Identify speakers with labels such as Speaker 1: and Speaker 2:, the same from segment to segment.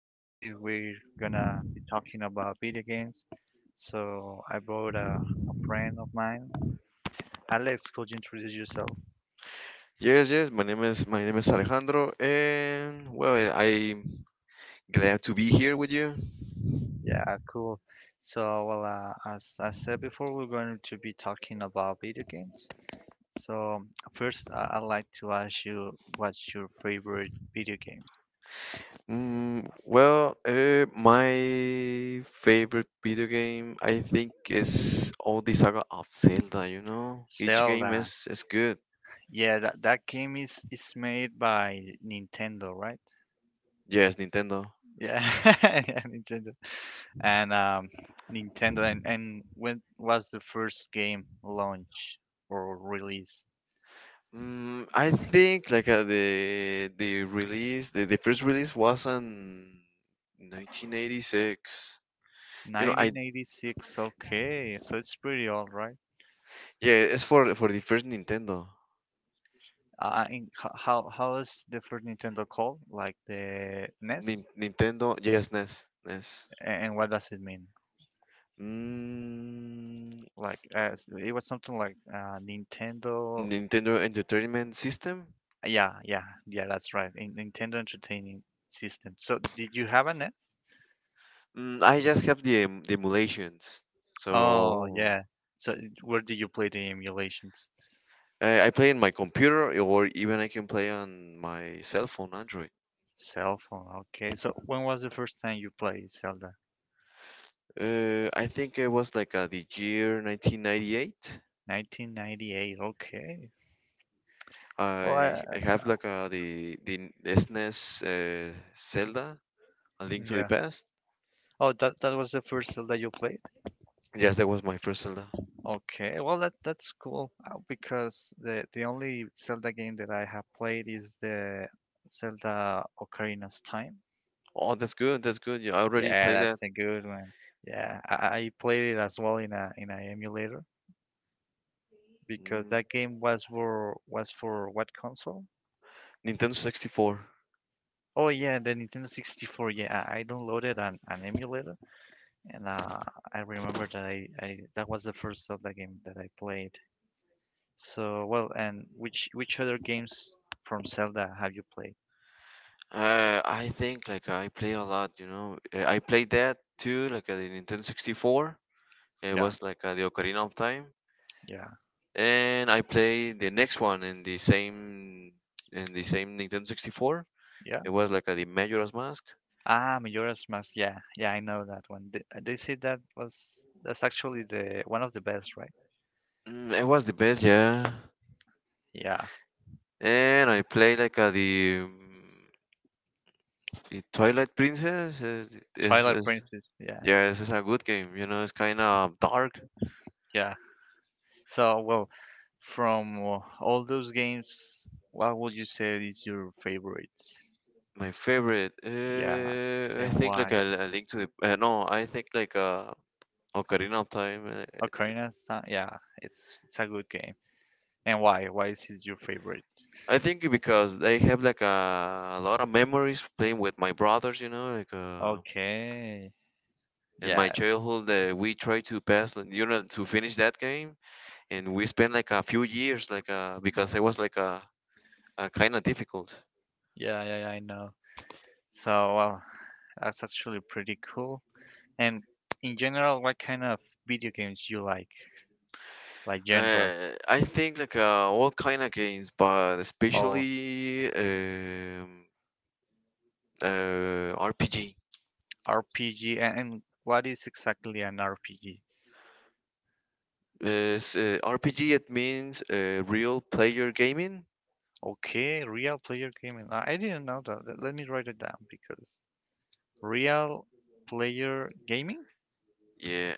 Speaker 1: Today, we're gonna be talking about video games. So, I brought a friend of mine. Alex, could you introduce yourself?
Speaker 2: Yes, yes. My name is Alejandro, and well, I'm glad to be here with you.
Speaker 1: Yeah, cool. So, well, as I said before, we're going to be talking about video games. So, first, I'd like to ask you what's your favorite video game?
Speaker 2: Well, my favorite video game, I think, is all the saga of Zelda. Each game
Speaker 1: Zelda.
Speaker 2: is good.
Speaker 1: Yeah, that game is made by Nintendo, right?
Speaker 2: Yes, Nintendo.
Speaker 1: Yeah, yeah, Nintendo. And Nintendo, and when was the first game launch or released?
Speaker 2: I think like the release, the first release was in 1986. You know, I
Speaker 1: 1986. Okay, so it's pretty old, right?
Speaker 2: Yeah, it's for the first Nintendo.
Speaker 1: How is the first Nintendo called? Like the NES.
Speaker 2: Nintendo, yes, NES, NES.
Speaker 1: And what does it mean?
Speaker 2: Mm,
Speaker 1: Like it was something like Nintendo.
Speaker 2: Nintendo Entertainment System.
Speaker 1: Yeah, yeah, yeah. That's right. Nintendo Entertainment System. So did you have a NES?
Speaker 2: I just have the emulations,
Speaker 1: Oh, yeah.
Speaker 2: so.
Speaker 1: So where did you play the emulations?
Speaker 2: I play in my computer, or even I can play on my cell phone, Android.
Speaker 1: Cell phone. Okay. So when was the first time you played Zelda?
Speaker 2: I think it was like the year 1998.
Speaker 1: 1998. Okay. Well,
Speaker 2: I I have like the SNES Zelda, A Link to the
Speaker 1: yeah.
Speaker 2: Past.
Speaker 1: Oh, that that was the first Zelda you played?
Speaker 2: Yes, that was my first Zelda.
Speaker 1: Okay. Well, that that's cool because the only Zelda game that I have played is the Zelda Ocarina's Time.
Speaker 2: Oh, that's good. That's good. Yeah, I already
Speaker 1: Yeah,
Speaker 2: played
Speaker 1: that's
Speaker 2: that.
Speaker 1: a good one. Yeah, I played it as well in a emulator because
Speaker 2: Mm.
Speaker 1: that game was for what console?
Speaker 2: Nintendo 64.
Speaker 1: Oh yeah, the Nintendo 64. Yeah, I downloaded an emulator, and I remember that I that was the first Zelda game that I played. So well, and which other games from Zelda have you played?
Speaker 2: I think like I play a lot. I played that too, like the Nintendo 64. It
Speaker 1: Yeah,
Speaker 2: was like the Ocarina of Time,
Speaker 1: yeah,
Speaker 2: and I played the next one in the same Nintendo 64.
Speaker 1: yeah.
Speaker 2: It was like the Majora's Mask.
Speaker 1: Ah, Majora's Mask. Yeah, yeah, I know that one. They said that's actually the one of the best, right?
Speaker 2: It was the best, yeah.
Speaker 1: Yeah,
Speaker 2: And I played like the Twilight Princess.
Speaker 1: Twilight
Speaker 2: Is
Speaker 1: Princess. Yeah,
Speaker 2: Yeah, this is a good game. It's kind of dark.
Speaker 1: yeah. So well, from all those games, what would you say is your favorite?
Speaker 2: My favorite,
Speaker 1: Yeah.
Speaker 2: I
Speaker 1: And
Speaker 2: think like
Speaker 1: why?
Speaker 2: a Link to the no, I think like Ocarina of Time.
Speaker 1: Ocarina of Time. Yeah, it's a good game. And why? Why is it your favorite?
Speaker 2: I think because I have like a lot of memories playing with my brothers, like
Speaker 1: Okay.
Speaker 2: in my
Speaker 1: Yeah,
Speaker 2: childhood we try to pass, like, to finish that game, and we spent like a few years, like because it was like a kind of difficult.
Speaker 1: yeah, yeah, yeah, I know. So, wow, that's actually pretty cool. And in general, what kind of video games you like? Like genre
Speaker 2: I think like all kind of games, but
Speaker 1: or
Speaker 2: especially RPG.
Speaker 1: RPG? And what is exactly an RPG?
Speaker 2: Is RPG it means real player gaming?
Speaker 1: Okay, real player gaming. I didn't know that. Let me write it down because real player gaming?
Speaker 2: Yeah.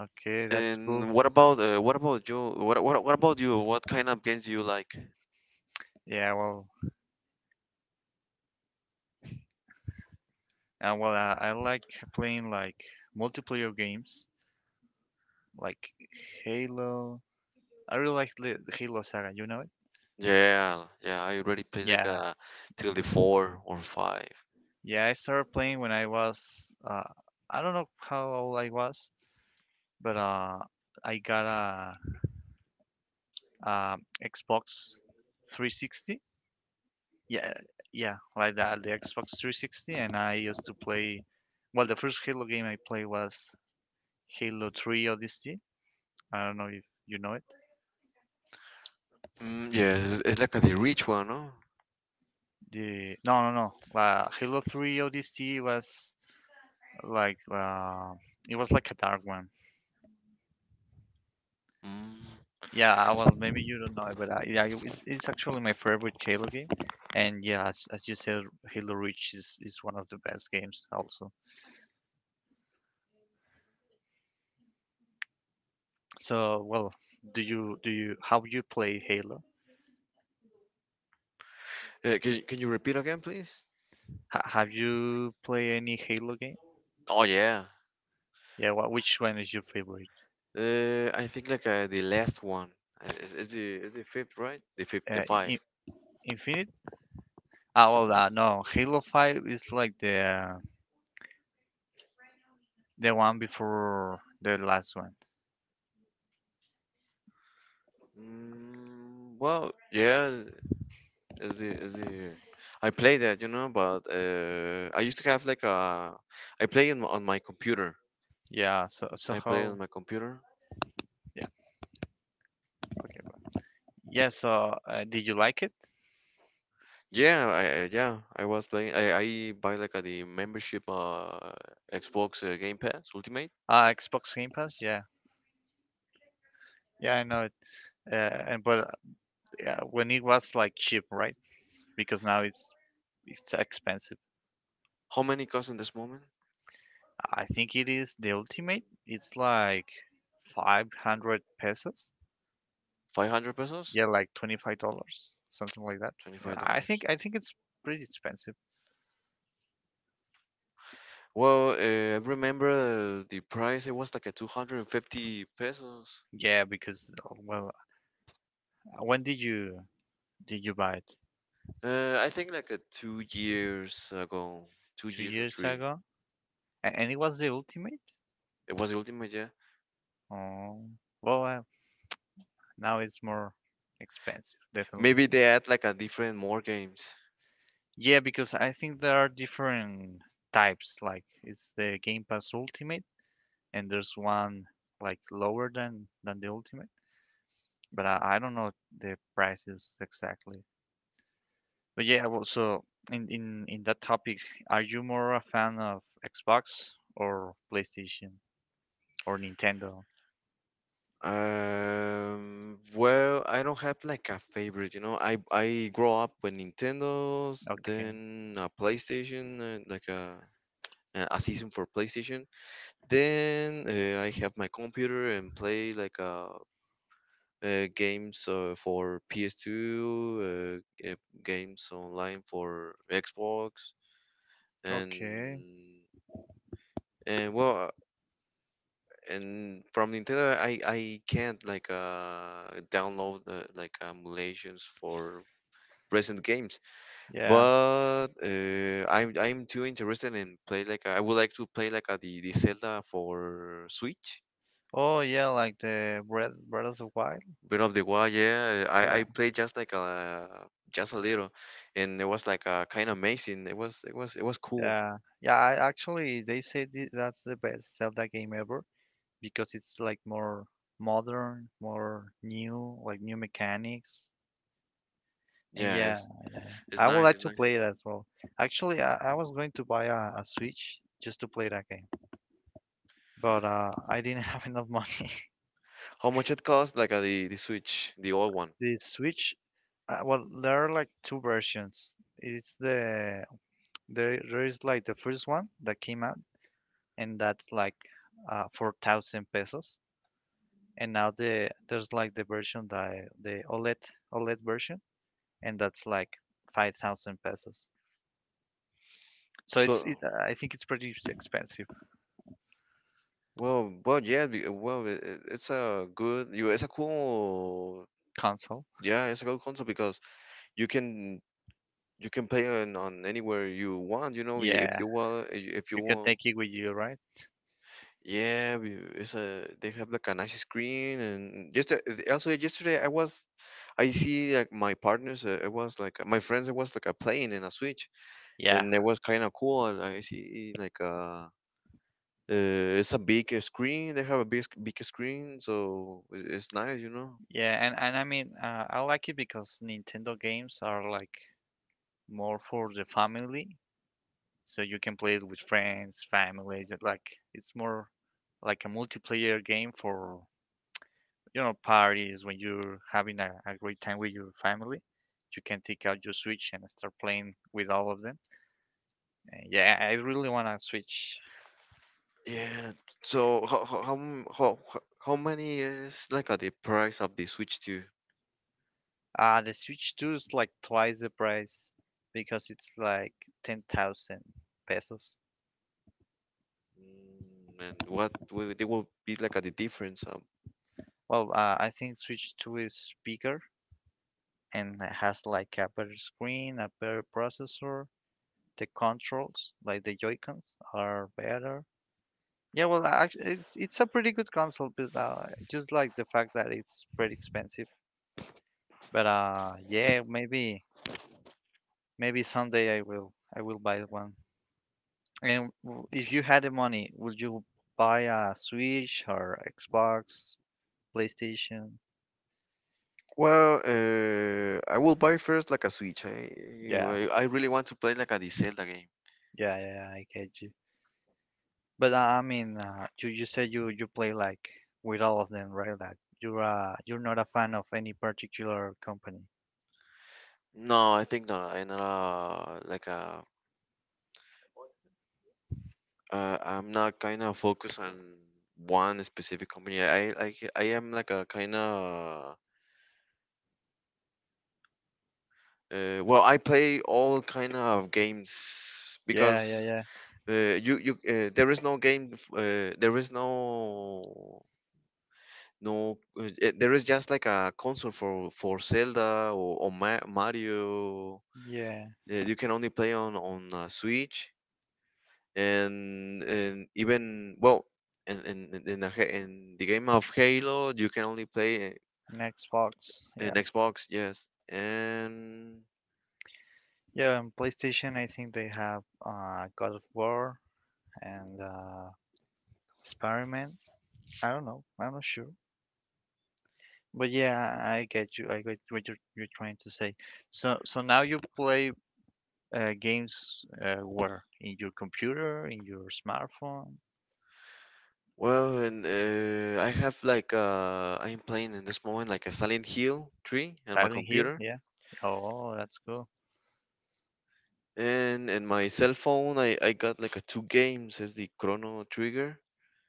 Speaker 1: Okay, that's cool.
Speaker 2: And what about you? What about you? What kind of games do you like?
Speaker 1: Yeah, well, I like playing like multiplayer games, like Halo. I really like the Halo Saga. You know it?
Speaker 2: Yeah, yeah. I already played like
Speaker 1: Yeah,
Speaker 2: a till the four or five.
Speaker 1: yeah. I started playing when I was I don't know how old I was, but I got a Xbox 360. Yeah, yeah, like that, the Xbox 360, and I used to play. Well, the first Halo game I played was Halo 3 Odyssey. I don't know if you know it.
Speaker 2: Yes, it's like a the rich one, no?
Speaker 1: The No, no, no. La Halo 3 ODST was like it was like a dark one.
Speaker 2: Mm.
Speaker 1: Yeah, well, maybe you don't know, but yeah, it's actually my favorite Halo game. And yeah, as you said, Halo Reach is one of the best games also. So, well, do you how you play Halo?
Speaker 2: Can you repeat again, please?
Speaker 1: Ha have you play any Halo game?
Speaker 2: Oh yeah.
Speaker 1: Yeah, what which one is your favorite?
Speaker 2: I think like the last one. It's the fifth, right? The fifth, the five.
Speaker 1: I Infinite? Ah, well, no, Halo 5 is like the one before the last one.
Speaker 2: Mm, well, yeah. Is the I play that, but I used to have like a I play in, on my computer.
Speaker 1: Yeah, so
Speaker 2: I play on
Speaker 1: how?
Speaker 2: my computer.
Speaker 1: Yeah, okay. Yeah, so did you like it?
Speaker 2: Yeah, yeah, I was playing. I buy like a, the membership Xbox Game Pass Ultimate.
Speaker 1: Xbox Game Pass? Yeah. Yeah, I know it. Uh, and but yeah, when it was like cheap, right? Because now it's expensive.
Speaker 2: How many cost in this moment?
Speaker 1: I think it is the ultimate. It's like 500 pesos.
Speaker 2: 500 pesos?
Speaker 1: Yeah, like $25, something like that. Yeah.
Speaker 2: $25.
Speaker 1: I think it's pretty expensive.
Speaker 2: Well, I remember the price it was like a 250 pesos.
Speaker 1: Yeah, because well, when did you buy it?
Speaker 2: I think like a 2 years ago, 2
Speaker 1: Two
Speaker 2: years or
Speaker 1: years
Speaker 2: 3.
Speaker 1: ago? And it was the ultimate?
Speaker 2: It was the Ultimate, yeah.
Speaker 1: Oh, well, now it's more expensive, definitely.
Speaker 2: Maybe they add like a different more games.
Speaker 1: Yeah, because I think there are different types. Like it's the Game Pass Ultimate, and there's one like lower than the Ultimate. But I don't know the prices exactly. But yeah, well, so in that topic, are you more a fan of Xbox or PlayStation or Nintendo?
Speaker 2: Well, I don't have like a favorite. I grow up with Nintendo's,
Speaker 1: Okay,
Speaker 2: then a PlayStation, and like a season for PlayStation. Then I have my computer and play like games for PS2, eh, games online for Xbox,
Speaker 1: okay,
Speaker 2: and and well and from Nintendo, I can't like download like emulations for recent games.
Speaker 1: yeah.
Speaker 2: But I'm too interested in play like I would like to play like the Zelda for Switch.
Speaker 1: Oh yeah, like the Breath of the Wild.
Speaker 2: Breath of the Wild, yeah. I
Speaker 1: Yeah,
Speaker 2: I played just like a just a little, and it was like kind of amazing. It was cool.
Speaker 1: yeah, yeah. I actually they say that's the best Zelda game ever because it's like more modern, more new, like new mechanics. And
Speaker 2: Yeah,
Speaker 1: yeah,
Speaker 2: it's
Speaker 1: yeah.
Speaker 2: it's
Speaker 1: I would
Speaker 2: nice,
Speaker 1: like
Speaker 2: it's
Speaker 1: to
Speaker 2: nice.
Speaker 1: play it as well. Actually, I was going to buy a Switch just to play that game, but I didn't have enough money.
Speaker 2: How much it cost like the Switch, the old one?
Speaker 1: The Switch, well, there are like two versions. It's the There there is like the first one that came out and that's like 4,000 pesos. And now the there's like the version that the OLED version, and that's like 5,000 pesos. So
Speaker 2: So.
Speaker 1: I think it's pretty expensive
Speaker 2: Well, well, yeah, well, it's a good, you, it's a cool.
Speaker 1: console.
Speaker 2: Yeah, it's a good console because you can you can play on anywhere you want, if
Speaker 1: Yeah,
Speaker 2: you want, if you
Speaker 1: you can
Speaker 2: want,
Speaker 1: take it with you, right?
Speaker 2: yeah, we- it's a they have like a nice screen and just also yesterday I see like my partners, I was like my friends, I was like a playing in a Switch
Speaker 1: Yeah,
Speaker 2: and it was kind of cool. I see like. It's a big screen. They have a big, big screen, so it's nice.
Speaker 1: yeah, and I mean I like it because Nintendo games are like more for the family, so you can play it with friends, families. Like it's more like a multiplayer game for you know, parties, when you're having a great time with your family, you can take out your Switch and start playing with all of them. And yeah, I really want a Switch.
Speaker 2: Yeah. So how m- how many is like the price of the Switch 2?
Speaker 1: The Switch 2 is like twice the price because it's like 10,000 pesos.
Speaker 2: And what will they will be like the difference?
Speaker 1: Well, I think Switch 2 is bigger and has like a better screen, a better processor. The controls, like the Joy-Cons, are better. Yeah, well, actually, it's a pretty good console, but just like the fact that it's pretty expensive. But yeah, maybe maybe someday I will buy one. And if you had the money, would you buy a Switch or Xbox, PlayStation?
Speaker 2: Well, I will buy first like a Switch.
Speaker 1: Yeah,
Speaker 2: I really want to play like a the Zelda game.
Speaker 1: yeah, yeah, yeah, I get you. But I mean, you said you play like with all of them, right? Like you're not a fan of any particular company.
Speaker 2: No, I think not. I'm not like a. I'm not kind of focused on one specific company. I am like a kind of well, I play all kind of games
Speaker 1: Yeah, yeah,
Speaker 2: because.
Speaker 1: yeah.
Speaker 2: You there is no game. There is no. There is just like a console for Zelda or Mario.
Speaker 1: Yeah,
Speaker 2: You can only play on Switch and even well, in the game of Halo, you can only play
Speaker 1: an Xbox.
Speaker 2: in
Speaker 1: Yeah.
Speaker 2: Xbox. Yes, and
Speaker 1: Yeah, on PlayStation, I think they have God of War and Experiment. I don't know. I'm not sure. But yeah, I get you. I get what you're trying to say. So, so now you play games where? In your computer, in your smartphone,
Speaker 2: well, and I have like I'm playing in this moment like a Silent Hill 3 on my
Speaker 1: Silent Hill.
Speaker 2: computer.
Speaker 1: Yeah. Oh, that's cool.
Speaker 2: And in my cell phone, I got like a two games. It's the Chrono Trigger.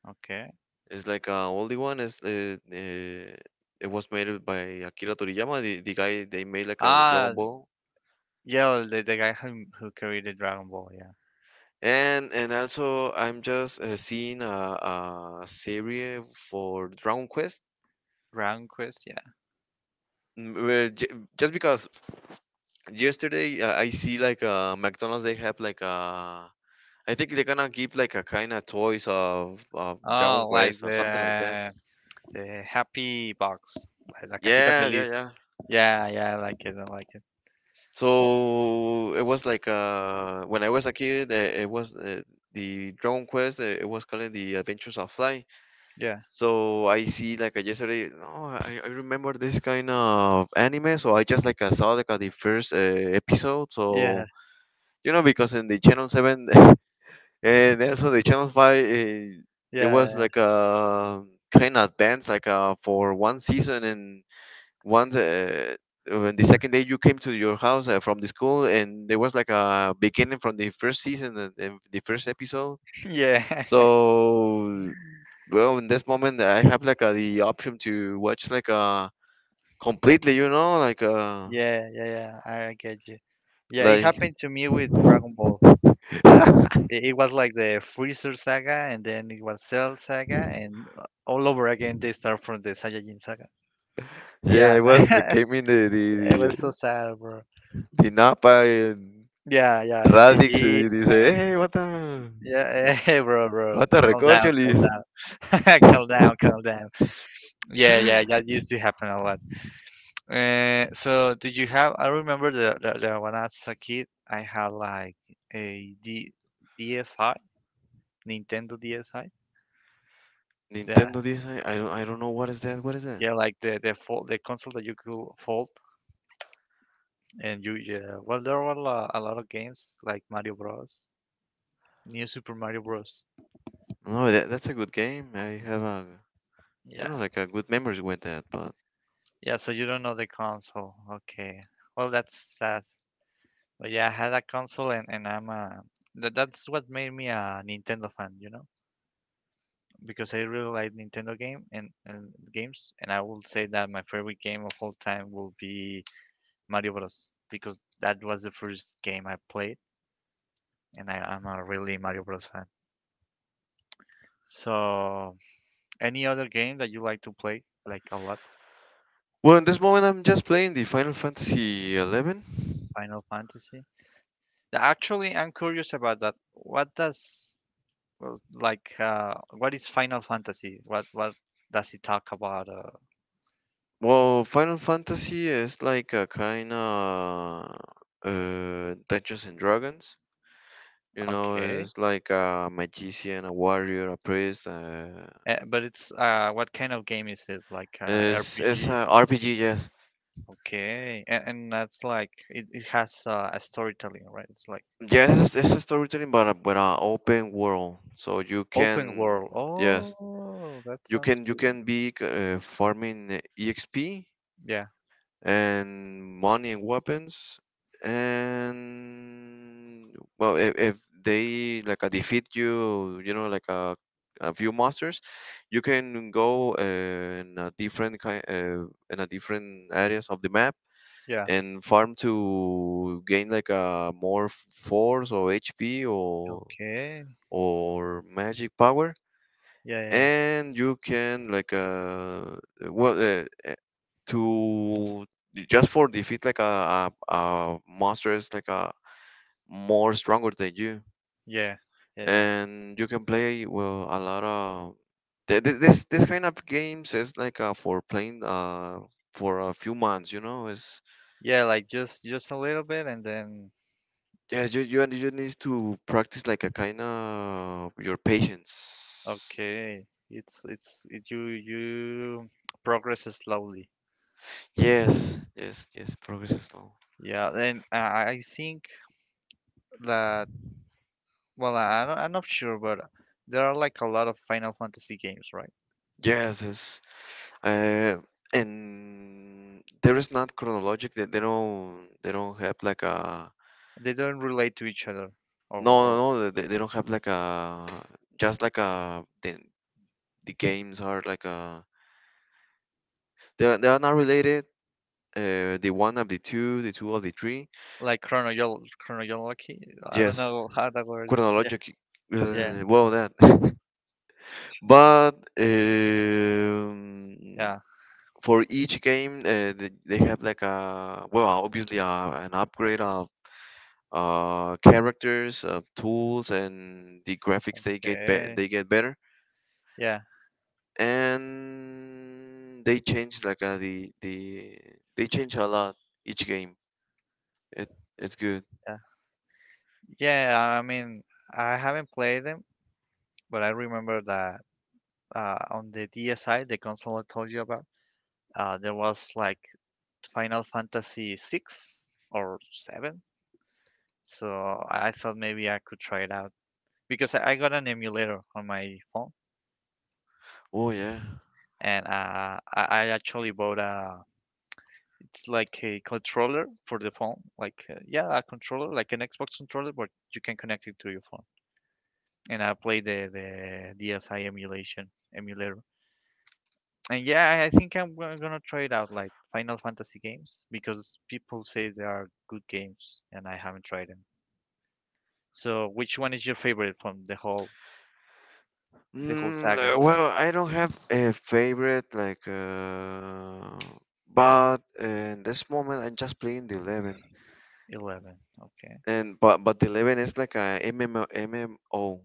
Speaker 1: Okay.
Speaker 2: It's like a oldie one. It was made by Akira Toriyama, the guy they made like a Dragon
Speaker 1: Ah,
Speaker 2: Ball.
Speaker 1: yeah, the guy who carried the Dragon Ball. Yeah.
Speaker 2: And also I'm just seeing a series for Dragon Quest.
Speaker 1: Dragon Quest. Yeah.
Speaker 2: Where j just because yesterday I see like McDonald's they have like a. I think they're gonna give like a kind of toys of Dragon
Speaker 1: Oh, like
Speaker 2: Quest or something like that.
Speaker 1: the happy box. Like La cajita
Speaker 2: Yeah, yeah,
Speaker 1: feliz.
Speaker 2: yeah.
Speaker 1: Yeah, yeah, I like it. I like it. Wha
Speaker 2: So it was like when I was a kid, it was the Dragon Quest. It was called the Adventures of Fly.
Speaker 1: yeah,
Speaker 2: So I see like yesterday. No, I remember this kind of anime. So I just like I saw like the first episode.
Speaker 1: yeah,
Speaker 2: So, because in the Channel 7 and also the Channel 5, there was
Speaker 1: yeah,
Speaker 2: like a kind of advance like for one season and once, when the second day you came to your house from the school, and there was like a beginning from the first season and the first episode.
Speaker 1: yeah, yeah,
Speaker 2: So, well, in this moment, I have like the option to watch like completely,
Speaker 1: yeah, yeah, yeah. I get you. Yeah, it
Speaker 2: like
Speaker 1: happened to me with Dragon Ball that it was like the Freezer saga, and then it was Cell saga, and all over again they start from the Saiyajin saga.
Speaker 2: yeah,
Speaker 1: Yeah,
Speaker 2: it was like came in
Speaker 1: it was so sad, bro.
Speaker 2: the Napa and
Speaker 1: Yeah, yeah,
Speaker 2: Radix
Speaker 1: MPG.
Speaker 2: y dice,
Speaker 1: uh,
Speaker 2: hey, what a
Speaker 1: Yeah, hey, bro, bro,
Speaker 2: what a
Speaker 1: calm
Speaker 2: recorcholis.
Speaker 1: down, calm down, calm down. Yeah, yeah, that used to happen a lot. So do you have? I remember that when I was a kid, I had like a D DSi, Nintendo DSi. Yeah,
Speaker 2: Nintendo Disney. I don't. I don't know what is that. What is that?
Speaker 1: yeah, like the fold, the console that you could fold, and you yeah. Well, there were a lot of games like Mario Bros, New Super Mario Bros.
Speaker 2: No, that's a good game. I have a,
Speaker 1: Yeah,
Speaker 2: like a good memories with that. But
Speaker 1: yeah. So you don't know the console? Okay. Well, that's sad. But yeah, I had a console, and I'm a. That, that's what made me a Nintendo fan, you know. Because I really like Nintendo game and games, and I will say that my favorite game of all time will be Mario Bros., because that was the first game I played, and I'm a really Mario Bros. Fan. So, any other game that you like to play, like a lot?
Speaker 2: well, in this moment, I'm just playing the Final Fantasy 11.
Speaker 1: Final Fantasy? Actually, I'm curious about that. What does well, like what is Final Fantasy? What does it talk about?
Speaker 2: Well, Final Fantasy is like a kind of Dungeons and Dragons.
Speaker 1: Okay.
Speaker 2: It's like a magician, a warrior, a priest. Uh,
Speaker 1: But it's what kind of game is it? Like
Speaker 2: it's it's a
Speaker 1: RPG?
Speaker 2: RPG, yes.
Speaker 1: Okay, and that's like it has a storytelling, right? It's like
Speaker 2: Yes, yeah, it's a storytelling, but a open world, so you
Speaker 1: open
Speaker 2: can.
Speaker 1: world.
Speaker 2: Yes,
Speaker 1: Oh, that
Speaker 2: You
Speaker 1: sounds
Speaker 2: can you
Speaker 1: good.
Speaker 2: can be farming EXP
Speaker 1: Yeah,
Speaker 2: and money and weapons and well if they like defeat you, you know like a few monsters you can go in a different kind in a different areas of the map
Speaker 1: yeah.
Speaker 2: and farm to gain like a more force or HP or
Speaker 1: Okay.
Speaker 2: or magic power
Speaker 1: Yeah, yeah,
Speaker 2: and you can like well to just for defeat like a monster is like a more stronger than you
Speaker 1: yeah, yeah, yeah.
Speaker 2: and you can play well a lot of this kind of games is like for playing for a few months, is.
Speaker 1: Yeah, like just a little bit, and then
Speaker 2: Yes, you need to practice like a kind of your patience.
Speaker 1: okay, you you progress slowly.
Speaker 2: Yes, yes, yes, progress is slow.
Speaker 1: Yeah, then I think that well, I don't, I'm not sure, but there are like a lot of Final Fantasy games, right?
Speaker 2: Yes, yes. Uh, and there is not chronologic. They don't. They don't have like a.
Speaker 1: They don't relate to each other
Speaker 2: No,
Speaker 1: or
Speaker 2: no, no. They don't have like a. Just like a. The games are like a. They are not related. The one of the two of the three.
Speaker 1: like chronological chronology. I don't
Speaker 2: Yes,
Speaker 1: know how that word is. Yeah,
Speaker 2: chronologic.
Speaker 1: yeah,
Speaker 2: Well, that. But um,
Speaker 1: yeah.
Speaker 2: for each game, they have like a well, obviously an upgrade characters, tools, and the graphics they get
Speaker 1: Okay.
Speaker 2: they get better,
Speaker 1: Yeah,
Speaker 2: and they change like they change a lot each game. It it's good.
Speaker 1: yeah, yeah. I mean, I haven't played them, but I remember that on the DSi, the console I told you about, there was like Final Fantasy 6 or 7. So I thought maybe I could try it out because I got an emulator on my phone,
Speaker 2: Oh yeah.
Speaker 1: and I actually bought a It's like a controller for the phone, like yeah, a controller, like an Xbox controller, but you can connect it to your phone. And I play the DSi emulation emulator. And yeah, I think I'm gonna try it out, like Final Fantasy games, because people say they are good games, and I haven't tried them. So, which one is your favorite from the whole saga?
Speaker 2: Well, I don't have a favorite like, but in this moment I'm just playing the 11,
Speaker 1: 11. Okay.
Speaker 2: and but the 11 is like a MMO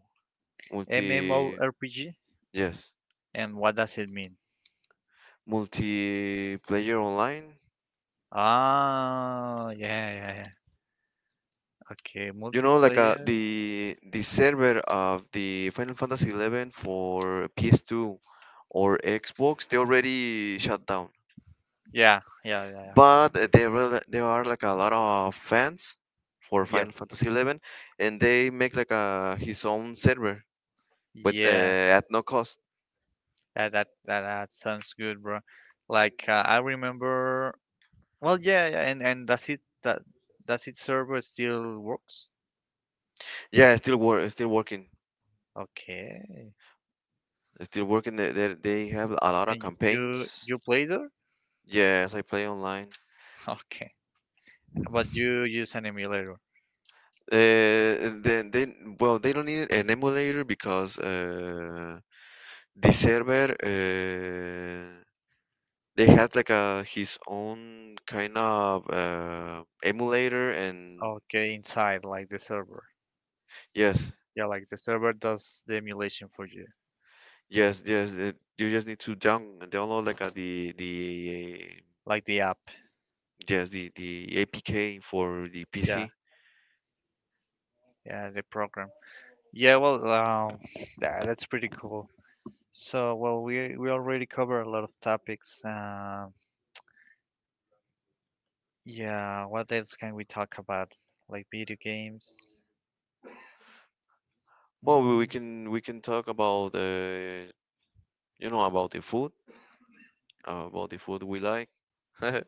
Speaker 2: multi.
Speaker 1: MMORPG?
Speaker 2: Yes,
Speaker 1: And what does it mean?
Speaker 2: multiplayer online.
Speaker 1: Ah, yeah, yeah, yeah. Okay,
Speaker 2: You know like
Speaker 1: multiplayer.
Speaker 2: the server of the Final Fantasy 11 for PS2 or Xbox, they already shut down.
Speaker 1: Yeah, yeah, yeah, yeah.
Speaker 2: But there are like a lot of fans for
Speaker 1: Yeah.
Speaker 2: Final Fantasy 11, and they make like a his own server, but
Speaker 1: Yeah,
Speaker 2: at no cost.
Speaker 1: that sounds good, bro. Like I remember. Well, yeah, yeah, and does it that does it server still works?
Speaker 2: Yeah, it's still working.
Speaker 1: Okay.
Speaker 2: It's still working. They have a lot of
Speaker 1: And y- you
Speaker 2: campaigns.
Speaker 1: you play there?
Speaker 2: Yes, I play online.
Speaker 1: Okay. But you use an emulator.
Speaker 2: They Well, they don't need an emulator, because the server, they had like a his own kind of emulator, and
Speaker 1: Okay, inside like the server.
Speaker 2: yes,
Speaker 1: Yeah, like the server does the emulation for you,
Speaker 2: yes, yes. You just need to download like the
Speaker 1: like the app.
Speaker 2: yes, the APK for the
Speaker 1: Yeah,
Speaker 2: PC.
Speaker 1: yeah, the program. Yeah, well, that's pretty cool. So, well, we already covered a lot of topics. Yeah, what else can we talk about? Like video games?
Speaker 2: Well, we
Speaker 1: Mm,
Speaker 2: can, we can talk about, you know, about the food, about the food we like. May-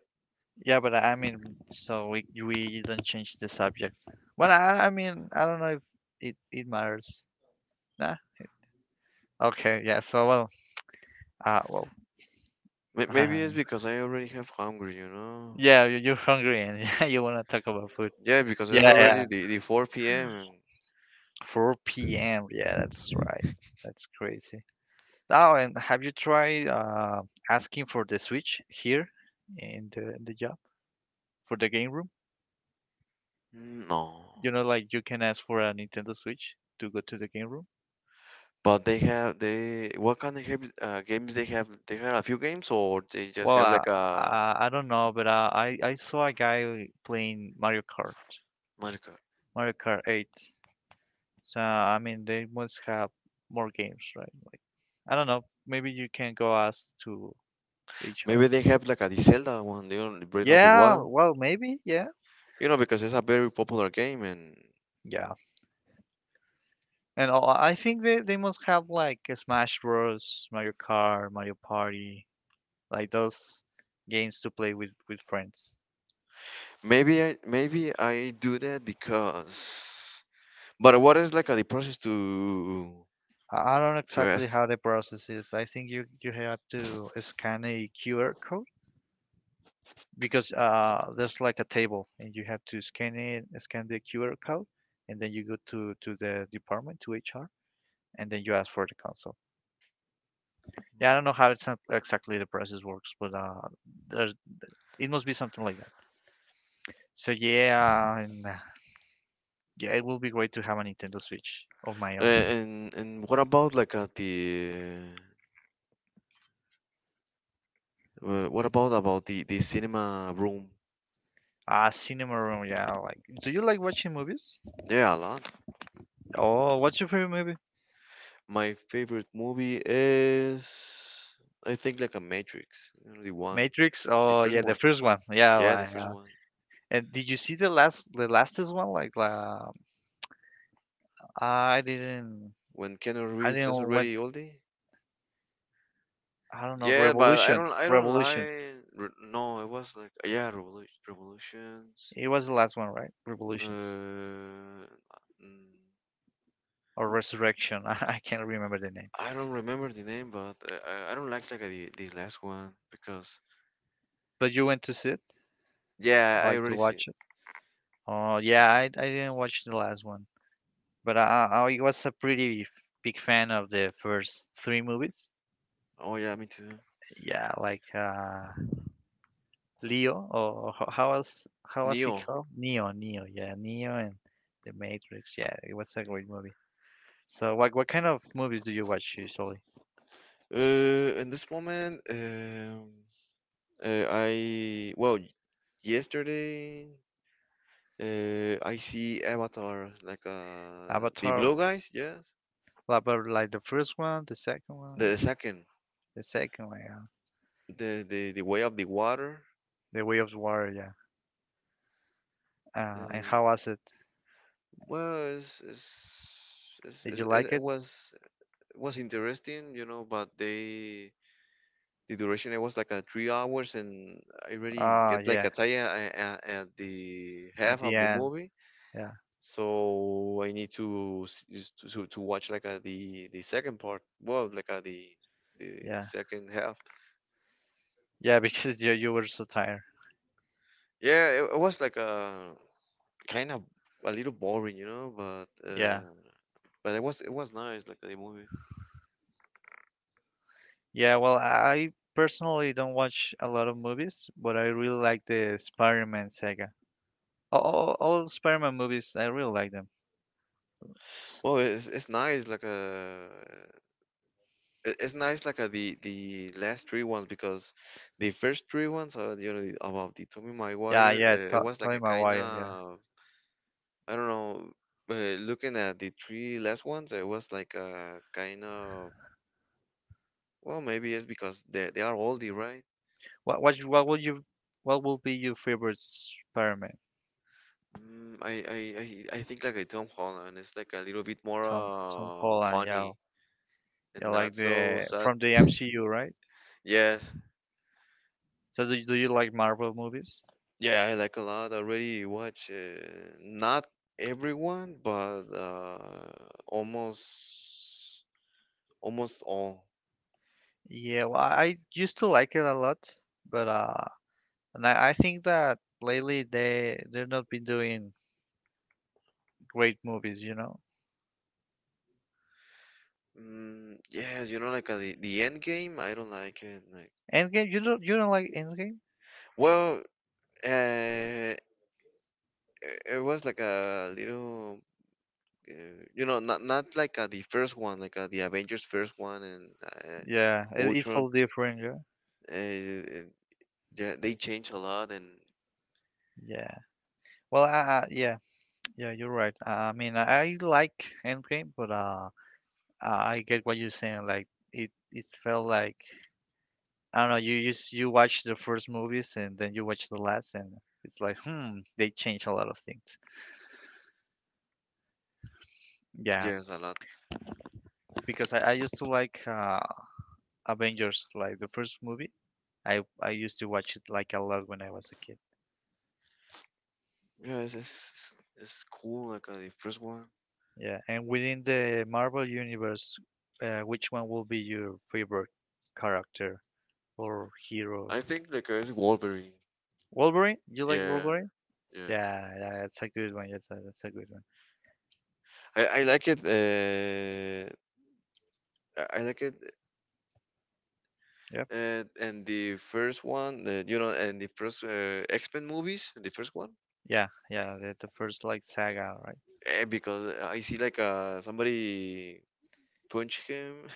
Speaker 1: yeah, but I mean, so we don't change the subject. Well, I mean, I don't know if it matters. Nah. Okay. Yeah. So, well, uh, well,
Speaker 2: maybe it's
Speaker 1: uh,
Speaker 2: because I already have hungry, you know.
Speaker 1: yeah, you're hungry and you wanna talk about food.
Speaker 2: Yeah, because it's
Speaker 1: Yeah, yeah.
Speaker 2: already the 4 p.m.
Speaker 1: 4 p.m. Yeah, that's right. That's crazy. Oh, and have you tried asking for the Switch here in the job for the game room?
Speaker 2: No.
Speaker 1: You know, like you can ask for a Nintendo Switch to go to the game room.
Speaker 2: But they have, they, what kind of games, games they have? They have a few games, or they just
Speaker 1: Well,
Speaker 2: have like a
Speaker 1: I don't know, but I saw a guy playing
Speaker 2: Mario?
Speaker 1: Mario Kart 8. So I mean, they must have more games, right? Like I don't know, maybe you can go ask to HR.
Speaker 2: Maybe they have like a the Zelda one. You know, Breath of the
Speaker 1: Yeah,
Speaker 2: Wild.
Speaker 1: well, maybe, yeah,
Speaker 2: You know, because it's a very popular game, and
Speaker 1: yeah. And all, I think they must have like a Smash Bros, Mario Kart, Mario Party, like those games to play with friends.
Speaker 2: maybe I do that, because. But what is like a, the process
Speaker 1: I don't know
Speaker 2: to
Speaker 1: exactly
Speaker 2: ask?
Speaker 1: how the process is. I think you have to scan a QR code because there's like a table and you have to scan the QR code, and then you go to the department to HR and then you ask for the console. Yeah, I don't know how it's not exactly the process works, but there, it must be something like that. So yeah, and yeah, it would be great to have a Nintendo Switch of my own.
Speaker 2: And what about like at the what about the cinema room?
Speaker 1: Ah, cinema room. Yeah, like. Do you like watching movies?
Speaker 2: Yeah, a lot.
Speaker 1: Oh, what's your favorite movie?
Speaker 2: My favorite movie is, I think, like a Matrix, you know, the one,
Speaker 1: Matrix.
Speaker 2: the
Speaker 1: Oh,
Speaker 2: first
Speaker 1: yeah, the
Speaker 2: one.
Speaker 1: first one. Yeah,
Speaker 2: Yeah, the
Speaker 1: like.
Speaker 2: first one.
Speaker 1: And did you see the lastest one? Like, la I didn't.
Speaker 2: When Keanu
Speaker 1: I
Speaker 2: Reeves is
Speaker 1: didn't went.
Speaker 2: already oldie.
Speaker 1: I don't know.
Speaker 2: Yeah, but
Speaker 1: Revolutions.
Speaker 2: I don't
Speaker 1: Revolutions.
Speaker 2: lie. Re- no, it was like, yeah, Revolu- Revolutions.
Speaker 1: It was the last one, right? Revolutions
Speaker 2: Uh, mm,
Speaker 1: or Resurrection. I can't remember the name.
Speaker 2: I don't remember the name, but I don't like the last one because
Speaker 1: But you went to see it,
Speaker 2: yeah, I
Speaker 1: like to
Speaker 2: already see
Speaker 1: watch
Speaker 2: it.
Speaker 1: it. Oh yeah, I didn't watch the last one. But I was a pretty big fan of the first three movies.
Speaker 2: Oh yeah, me too.
Speaker 1: Yeah, like Leo or how was he
Speaker 2: Neo.
Speaker 1: called? Yeah, Neo and The Matrix. Yeah, it was a great movie. So what kind of movies do you watch usually?
Speaker 2: In this moment, I, well, yesterday, I see Avatar, like uh, the
Speaker 1: Avatar,
Speaker 2: blue guys. Yes,
Speaker 1: like but like the first one,
Speaker 2: the second,
Speaker 1: the second one, yeah.
Speaker 2: the way of the water.
Speaker 1: The Way of the Water, yeah.
Speaker 2: uh,
Speaker 1: And how was it?
Speaker 2: well,
Speaker 1: Did you like
Speaker 2: it
Speaker 1: it?
Speaker 2: was, it was interesting, you know, but they, the duration, it was like a 3 hours, and I already
Speaker 1: Oh
Speaker 2: get like
Speaker 1: yeah,
Speaker 2: a tired a- at the
Speaker 1: at
Speaker 2: half
Speaker 1: the
Speaker 2: of the
Speaker 1: end,
Speaker 2: movie.
Speaker 1: yeah,
Speaker 2: So I need to s- is to watch like the second part. Well, like the
Speaker 1: yeah,
Speaker 2: second half.
Speaker 1: yeah, because you were so tired.
Speaker 2: Yeah, it was like a kind of a little boring, you know,
Speaker 1: Yeah.
Speaker 2: but it was nice like the movie.
Speaker 1: Yeah, well, I personally don't watch a lot of movies, but I really like the Spider-Man saga. All Spider-Man movies, I really like them. S-
Speaker 2: Well, it's nice like it- it's nice like the last three ones, because the first three ones, you know, the, about the Tommy
Speaker 1: Yeah,
Speaker 2: Maguire,
Speaker 1: yeah,
Speaker 2: it
Speaker 1: To
Speaker 2: was like a
Speaker 1: Tobey
Speaker 2: kind
Speaker 1: Maguire, yeah.
Speaker 2: of, I don't know. Looking at the three last ones, it was like a kind of, well, maybe it's because they are oldie, right?
Speaker 1: What will be your favorite Spider-Man?
Speaker 2: I think like a Tom Holland. It's like a little bit more
Speaker 1: Tom Holland, yeah.
Speaker 2: funny
Speaker 1: Yeah,
Speaker 2: and not
Speaker 1: like
Speaker 2: so
Speaker 1: the
Speaker 2: sad.
Speaker 1: from the MCU, right?
Speaker 2: Yes,
Speaker 1: Do you like Marvel movies?
Speaker 2: yeah, I like a lot. I already watch, not everyone, but almost all.
Speaker 1: Yeah, well, I used to like it a lot, but I think that lately they've not been doing great movies, you know.
Speaker 2: Yes, you know, like the end game. I don't like it. Like,
Speaker 1: Endgame, you don't like Endgame?
Speaker 2: well, it was like a little, uh, you know, not, not like the first one, like the Avengers first one, and
Speaker 1: Yeah, it, it's all
Speaker 2: Ultron.
Speaker 1: different. Yeah,
Speaker 2: Uh, uh, yeah, they changed a lot, and
Speaker 1: yeah. Well, yeah, yeah. You're right. I mean, I like Endgame, but I get what you're saying. Like it felt like I don't know. You watch the first movies and then you watch the last, and it's like, hmm, they change a lot of things. Yeah,
Speaker 2: yes, a lot.
Speaker 1: because I used to like Avengers, like the first movie. I used to watch it like a lot when I was a kid.
Speaker 2: Yeah, it's cool. Like the first one,
Speaker 1: Yeah, and within the Marvel universe, which one will be your favorite character or hero?
Speaker 2: I think, like it's Wolverine.
Speaker 1: Wolverine? You like
Speaker 2: Yeah,
Speaker 1: Wolverine?
Speaker 2: yeah.
Speaker 1: Yeah, yeah, that's a good one. That's a good one.
Speaker 2: I like it. I like it.
Speaker 1: Yep.
Speaker 2: And the first one, you know, and the first X Men movies, the first one.
Speaker 1: Yeah, yeah, that's the first like saga,
Speaker 2: Because I see like uh, somebody punch him,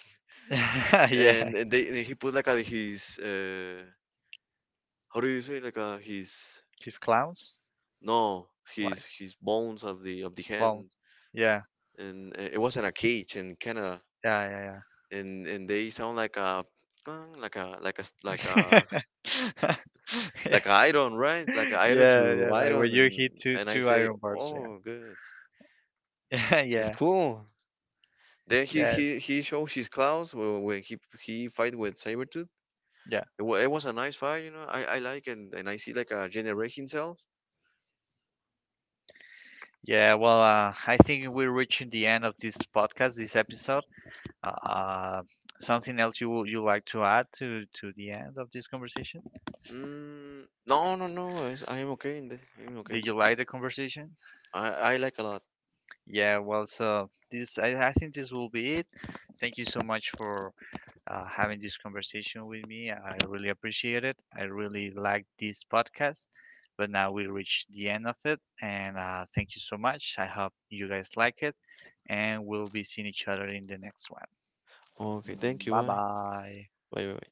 Speaker 1: right? Yeah,
Speaker 2: and he put like his how do you say like his,
Speaker 1: his clowns,
Speaker 2: no,
Speaker 1: like
Speaker 2: his, his bones of the
Speaker 1: clowns.
Speaker 2: hand,
Speaker 1: Yeah,
Speaker 2: and it was in a cage in Canada,
Speaker 1: yeah,
Speaker 2: and they sound like a clang, like a like
Speaker 1: yeah, yeah. Yeah,
Speaker 2: like a iron, right, like a iron
Speaker 1: yeah,
Speaker 2: to
Speaker 1: yeah, like when
Speaker 2: iron.
Speaker 1: you
Speaker 2: And
Speaker 1: hit
Speaker 2: I
Speaker 1: two
Speaker 2: say,
Speaker 1: iron bars,
Speaker 2: oh, good,
Speaker 1: yeah.
Speaker 2: it's
Speaker 1: Yeah,
Speaker 2: cool. Then
Speaker 1: yeah,
Speaker 2: he shows his claws wh- when he fight with Sabretooth.
Speaker 1: yeah.
Speaker 2: It was a nice fight, you know. I like, and I see like a generate himself.
Speaker 1: Yeah, well, I think we're reaching the end of this podcast, this episode. Uh, something else you like to add to the end of this conversation?
Speaker 2: No, no, no. I am okay. In the, I'm
Speaker 1: Did
Speaker 2: okay.
Speaker 1: you like the conversation?
Speaker 2: I like a lot.
Speaker 1: Yeah, well, so this I think this will be it. Thank you so much for having this conversation with me. I really appreciate it. I really like this podcast. But now we reach the end of it, and thank you so much. I hope you guys like it, and we'll be seeing each other in the next one.
Speaker 2: Okay, thank you.
Speaker 1: Bye
Speaker 2: Bye.
Speaker 1: bye.
Speaker 2: Bye. Bye. Bye.